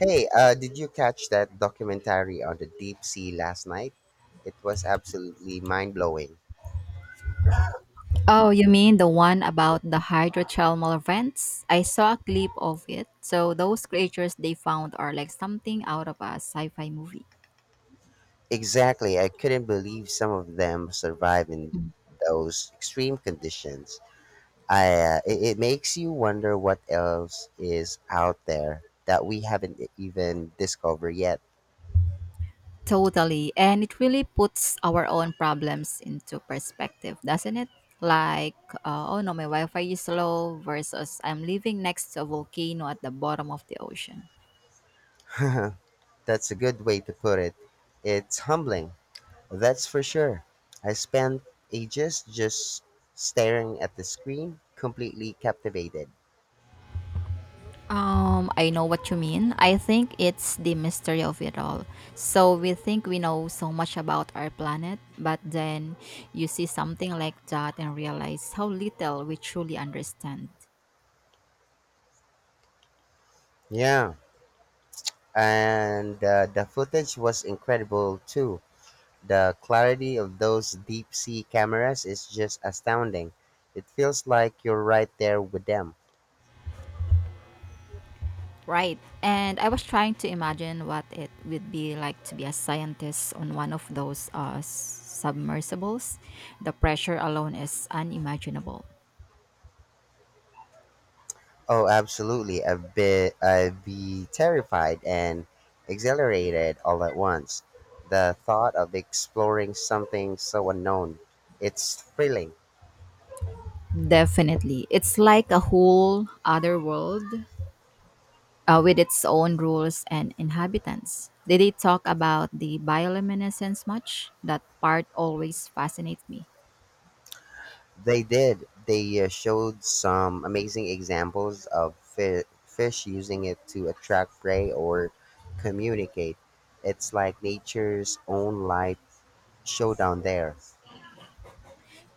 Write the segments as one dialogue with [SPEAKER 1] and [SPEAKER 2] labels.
[SPEAKER 1] Hey, did you catch that documentary on the deep sea last night? It was absolutely mind blowing.
[SPEAKER 2] Oh, you mean the one about the hydrothermal vents? I saw a clip of it. So those creatures they found are like something out of a sci-fi movie.
[SPEAKER 1] Exactly, I couldn't believe some of them survive in those extreme conditions. It makes you wonder what else is out there that we haven't even discovered yet.
[SPEAKER 2] Totally. And it really puts our own problems into perspective, doesn't it? Like, oh no, my Wi-Fi is slow versus I'm living next to a volcano at the bottom of the ocean.
[SPEAKER 1] That's a good way to put it. It's humbling, that's for sure. I spent ages just staring at the screen, completely captivated.
[SPEAKER 2] I know what you mean. I think it's the mystery of it all. So we think we know so much about our planet, but then you see something like that and realize how little we truly understand.
[SPEAKER 1] Yeah, and the footage was incredible too. The clarity of those deep sea cameras is just astounding. It feels like you're right there with them.
[SPEAKER 2] Right. And I was trying to imagine what it would be like to be a scientist on one of those submersibles. The pressure alone is unimaginable.
[SPEAKER 1] Oh, absolutely. I'd be terrified and exhilarated all at once. The thought of exploring something so unknown, it's thrilling.
[SPEAKER 2] Definitely. It's like a whole other world with its own rules and inhabitants. Did they talk about the bioluminescence much? That part always fascinates me.
[SPEAKER 1] They did. They showed some amazing examples of fish using it to attract prey or communicate. It's like nature's own life showdown there.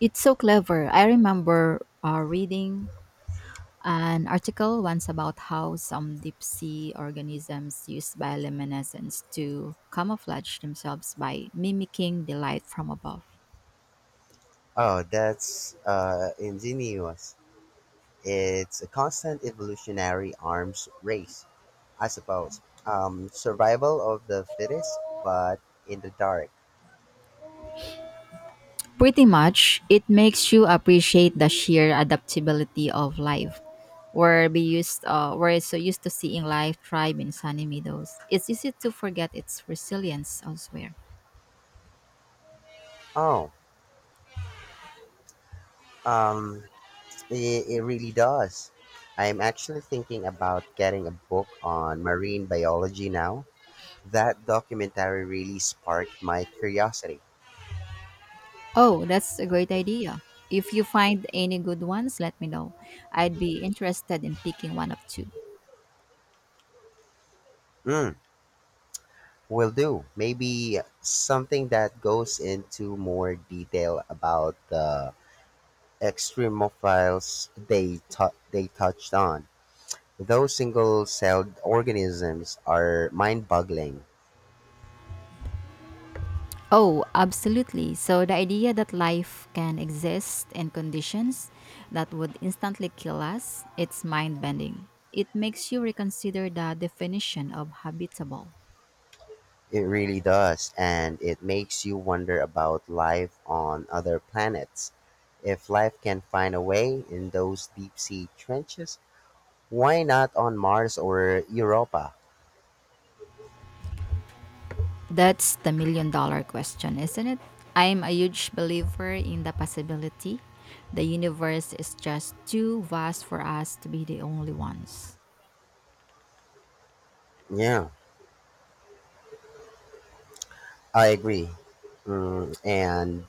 [SPEAKER 2] It's so clever. I remember reading an article once about how some deep sea organisms use bioluminescence to camouflage themselves by mimicking the light from above.
[SPEAKER 1] Oh, that's ingenious. It's a constant evolutionary arms race, I suppose. Survival of the fittest, but in the dark.
[SPEAKER 2] Pretty much, it makes you appreciate the sheer adaptability of life. We're so used to seeing life thrive in sunny meadows. It's easy to forget its resilience elsewhere.
[SPEAKER 1] Oh, um, it really does. I'm actually thinking about getting a book on marine biology now. That documentary really sparked my curiosity.
[SPEAKER 2] Oh, that's a great idea. If you find any good ones, let me know. I'd be interested in picking one of two.
[SPEAKER 1] Mm, will do. Maybe something that goes into more detail about the extremophiles they touched on. Those single celled organisms are mind boggling.
[SPEAKER 2] Oh, absolutely. So the idea that life can exist in conditions that would instantly kill us, it's mind-bending. It makes you reconsider the definition of habitable.
[SPEAKER 1] It really does, and it makes you wonder about life on other planets. If life can find a way in those deep sea trenches, why not on Mars or Europa?
[SPEAKER 2] That's the million-dollar question, isn't it? I'm a huge believer in the possibility. The universe is just too vast for us to be the only ones.
[SPEAKER 1] Yeah, I agree. Mm, and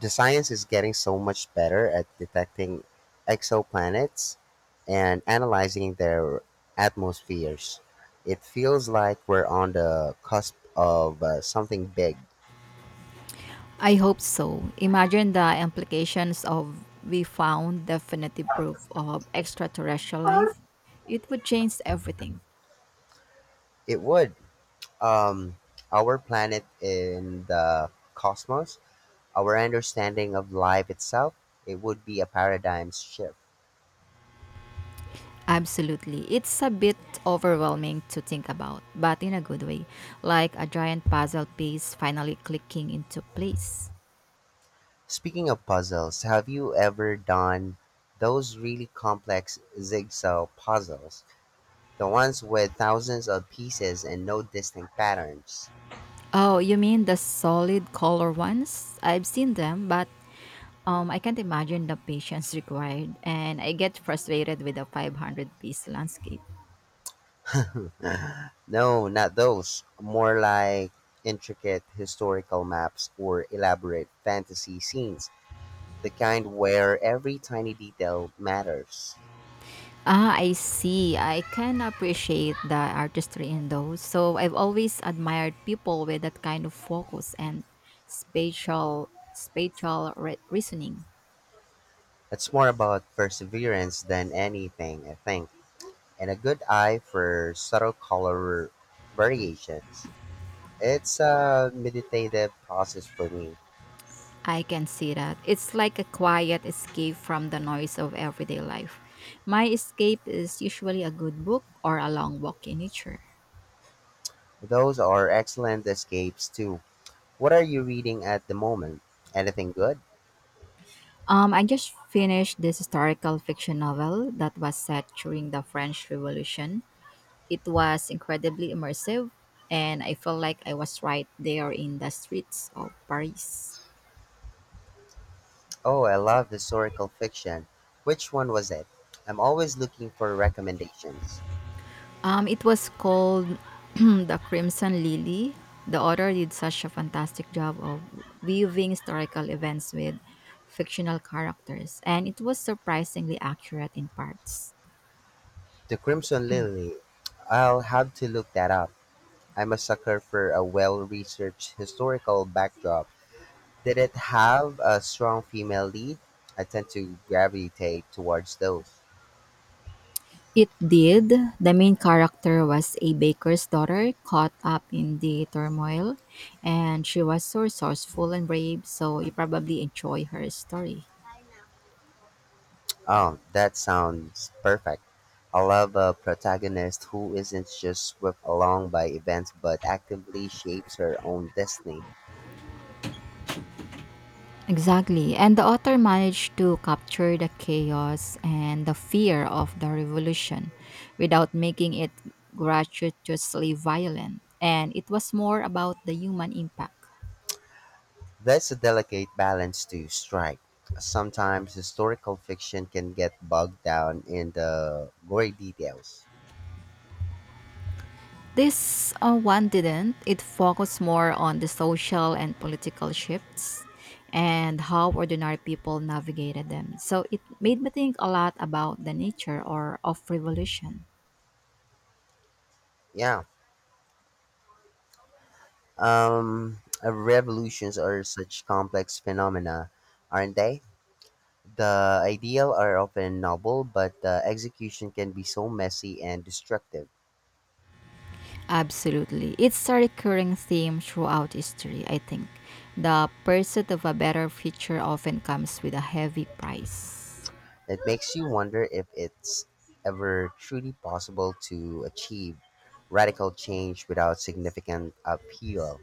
[SPEAKER 1] the science is getting so much better at detecting exoplanets and analyzing their atmospheres. It feels like we're on the cusp of something big.
[SPEAKER 2] I hope so. Imagine the implications of we found definitive proof of extraterrestrial life. It would change everything.
[SPEAKER 1] It would. um, our planet in the cosmos, our understanding of life itself, it would be a paradigm shift.
[SPEAKER 2] Absolutely. It's a bit overwhelming to think about, but in a good way, like a giant puzzle piece finally clicking into place.
[SPEAKER 1] Speaking of puzzles, have you ever done those really complex jigsaw puzzles? The ones with thousands of pieces and no distinct patterns?
[SPEAKER 2] Oh, you mean the solid color ones? I've seen them, but I can't imagine the patience required, and I get frustrated with a 500-piece landscape.
[SPEAKER 1] No, not those. More like intricate historical maps or elaborate fantasy scenes. The kind where every tiny detail matters.
[SPEAKER 2] Ah, I see. I can appreciate the artistry in those. So I've always admired people with that kind of focus and reasoning.
[SPEAKER 1] It's more about perseverance than anything, I think, and a good eye for subtle color variations. It's a meditative process for me.
[SPEAKER 2] I can see that. It's like a quiet escape from the noise of everyday life. My escape is usually a good book or a long walk in nature.
[SPEAKER 1] Those are excellent escapes, too. What are you reading at the moment? Anything good?
[SPEAKER 2] I just finished this historical fiction novel that was set during the French Revolution. It was incredibly immersive, and I felt like I was right there in the streets of Paris.
[SPEAKER 1] Oh, I love historical fiction. Which one was it? I'm always looking for recommendations.
[SPEAKER 2] It was called The Crimson Lily. The author did such a fantastic job of weaving historical events with fictional characters, and it was surprisingly accurate in parts.
[SPEAKER 1] The Crimson Lily. I'll have to look that up. I'm a sucker for a well researched historical backdrop. Did it have a strong female lead? I tend to gravitate towards those.
[SPEAKER 2] It did. The main character was a baker's daughter caught up in the turmoil, and she was so resourceful and brave, so you probably enjoy her story.
[SPEAKER 1] Oh, that sounds perfect. I love a protagonist who isn't just swept along by events but actively shapes her own destiny.
[SPEAKER 2] Exactly. And the author managed to capture the chaos and the fear of the revolution without making it gratuitously violent. And it was more about the human impact.
[SPEAKER 1] That's a delicate balance to strike. Sometimes historical fiction can get bogged down in the gory details.
[SPEAKER 2] This one didn't. It focused more on the social and political shifts and how ordinary people navigated them. So it made me think a lot about the nature or of revolution.
[SPEAKER 1] Yeah, revolutions are such complex phenomena, aren't they? The ideal are often noble, but the execution can be so messy and destructive.
[SPEAKER 2] Absolutely. It's a recurring theme throughout history, I think. The pursuit of a better future often comes with a heavy price.
[SPEAKER 1] It makes you wonder if it's ever truly possible to achieve radical change without significant upheaval.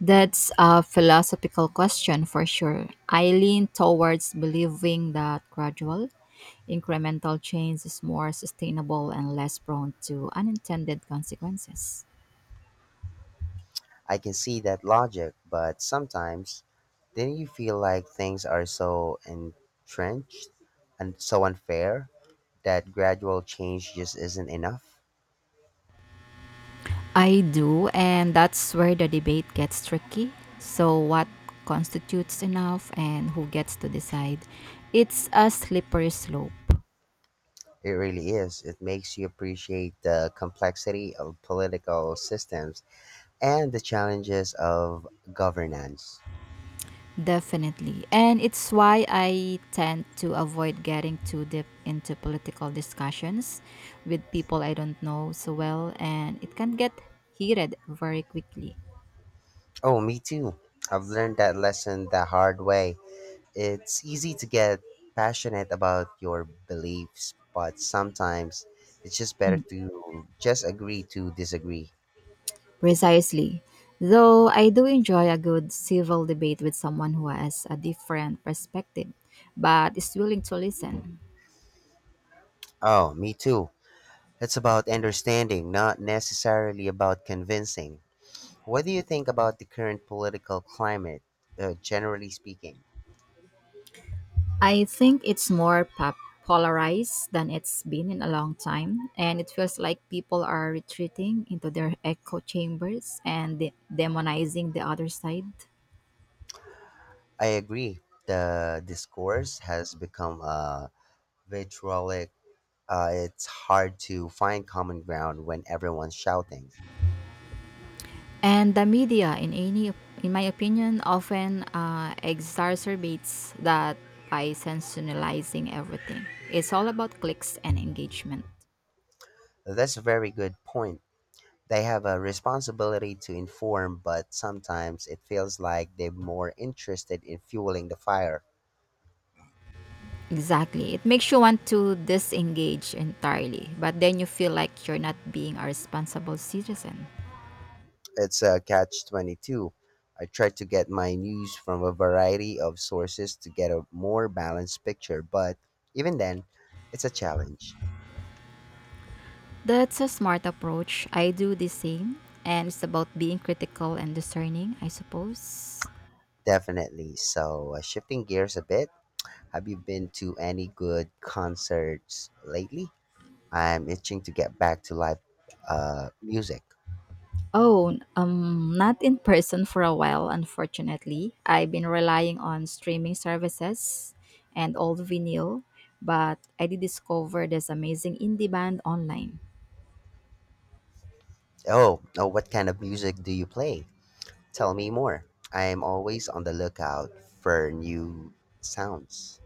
[SPEAKER 2] That's a philosophical question for sure. I lean towards believing that gradual, incremental change is more sustainable and less prone to unintended consequences.
[SPEAKER 1] I can see that logic, but sometimes then you feel like things are so entrenched and so unfair that gradual change just isn't enough?
[SPEAKER 2] I do, and that's where the debate gets tricky. So, what constitutes enough and who gets to decide? It's a slippery slope,
[SPEAKER 1] It really is. It makes you appreciate the complexity of political systems and the challenges of governance.
[SPEAKER 2] definitely. And it's why I tend to avoid getting too deep into political discussions with people I don't know so well, and it can get heated very quickly.
[SPEAKER 1] Oh, me too. I've learned that lesson the hard way. It's easy to get passionate about your beliefs, but sometimes it's just better to just agree to disagree.
[SPEAKER 2] Precisely. Though I do enjoy a good civil debate with someone who has a different perspective but is willing to listen.
[SPEAKER 1] Oh, me too. It's about understanding, not necessarily about convincing. What do you think about the current political climate, generally speaking?
[SPEAKER 2] I think it's more polarized than it's been in a long time, and it feels like people are retreating into their echo chambers and demonizing the other side.
[SPEAKER 1] I agree. The discourse has become vitriolic. It's hard to find common ground when everyone's shouting.
[SPEAKER 2] And the media, in my opinion, often exacerbates that by sensationalizing everything. It's all about clicks and engagement.
[SPEAKER 1] That's a very good point. They have a responsibility to inform, but sometimes it feels like they're more interested in fueling the fire.
[SPEAKER 2] Exactly. It makes you want to disengage entirely, but then you feel like you're not being a responsible citizen.
[SPEAKER 1] It's a catch 22. I try to get my news from a variety of sources to get a more balanced picture, but even then, it's a challenge.
[SPEAKER 2] That's a smart approach. I do the same, and it's about being critical and discerning, I suppose.
[SPEAKER 1] Definitely. So, shifting gears a bit, have you been to any good concerts lately? I'm itching to get back to live music.
[SPEAKER 2] Oh, not in person for a while, unfortunately. I've been relying on streaming services and old vinyl, but I did discover this amazing indie band online.
[SPEAKER 1] Oh, what kind of music do you play? Tell me more. I am always on the lookout for new sounds.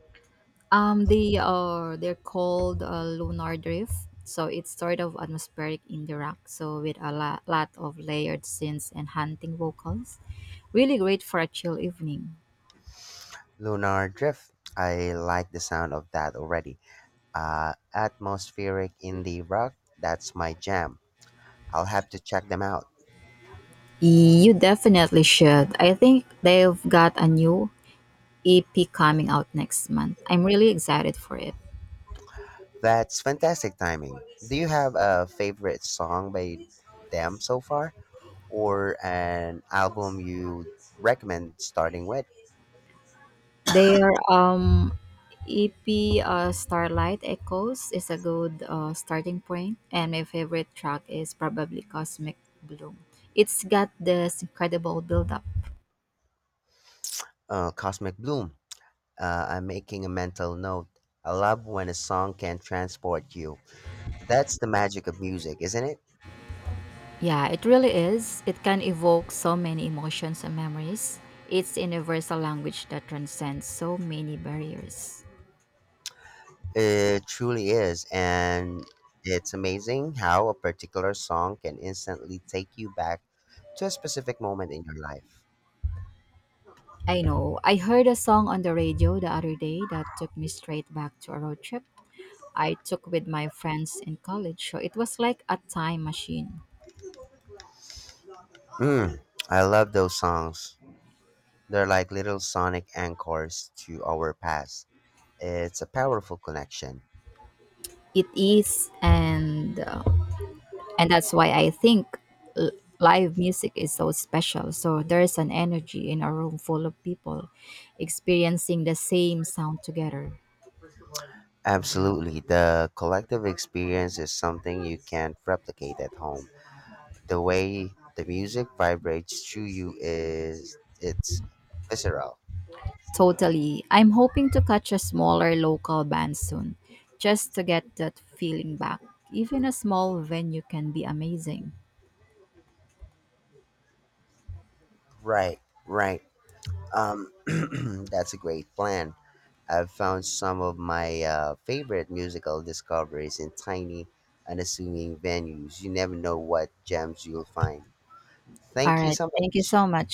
[SPEAKER 2] They're called Lunar Drift, so it's sort of atmospheric indie rock, so with a lot of layered synths and hunting vocals. Really great for a chill evening.
[SPEAKER 1] Lunar Drift. I like the sound of that already. Atmospheric indie rock. That's my jam. I'll have to check them out.
[SPEAKER 2] You definitely should. I think they've got a new EP coming out next month. I'm really excited for it.
[SPEAKER 1] That's fantastic timing. Do you have a favorite song by them so far, or an album you recommend starting with?
[SPEAKER 2] Their EP Starlight Echoes is a good starting point, and my favorite track is probably Cosmic Bloom. It's got this incredible build up.
[SPEAKER 1] Cosmic Bloom. I'm making a mental note. I love when a song can transport you. That's the magic of music, isn't it?
[SPEAKER 2] Yeah, it really is. It can evoke so many emotions and memories. It's a universal language that transcends so many barriers.
[SPEAKER 1] It truly is, and it's amazing how a particular song can instantly take you back to a specific moment in your life.
[SPEAKER 2] I know. I heard a song on the radio the other day that took me straight back to a road trip. I took with my friends in college. So it was like a time machine.
[SPEAKER 1] Mm, I love those songs. They're like little sonic anchors to our past. It's a powerful connection.
[SPEAKER 2] It is, and that's why I think live music is so special. So there is an energy in a room full of people experiencing the same sound together.
[SPEAKER 1] Absolutely. The collective experience is something you can't replicate at home. The way the music vibrates through you is it's visceral.
[SPEAKER 2] Totally. I'm hoping to catch a smaller local band soon, just to get that feeling back. Even a small venue can be amazing.
[SPEAKER 1] Right, right. Um, that's a great plan. I've found some of my favorite musical discoveries in tiny, unassuming venues. You never know what gems you'll find.
[SPEAKER 2] All
[SPEAKER 1] Thank you
[SPEAKER 2] right.
[SPEAKER 1] so
[SPEAKER 2] Thank you
[SPEAKER 1] much.
[SPEAKER 2] so much.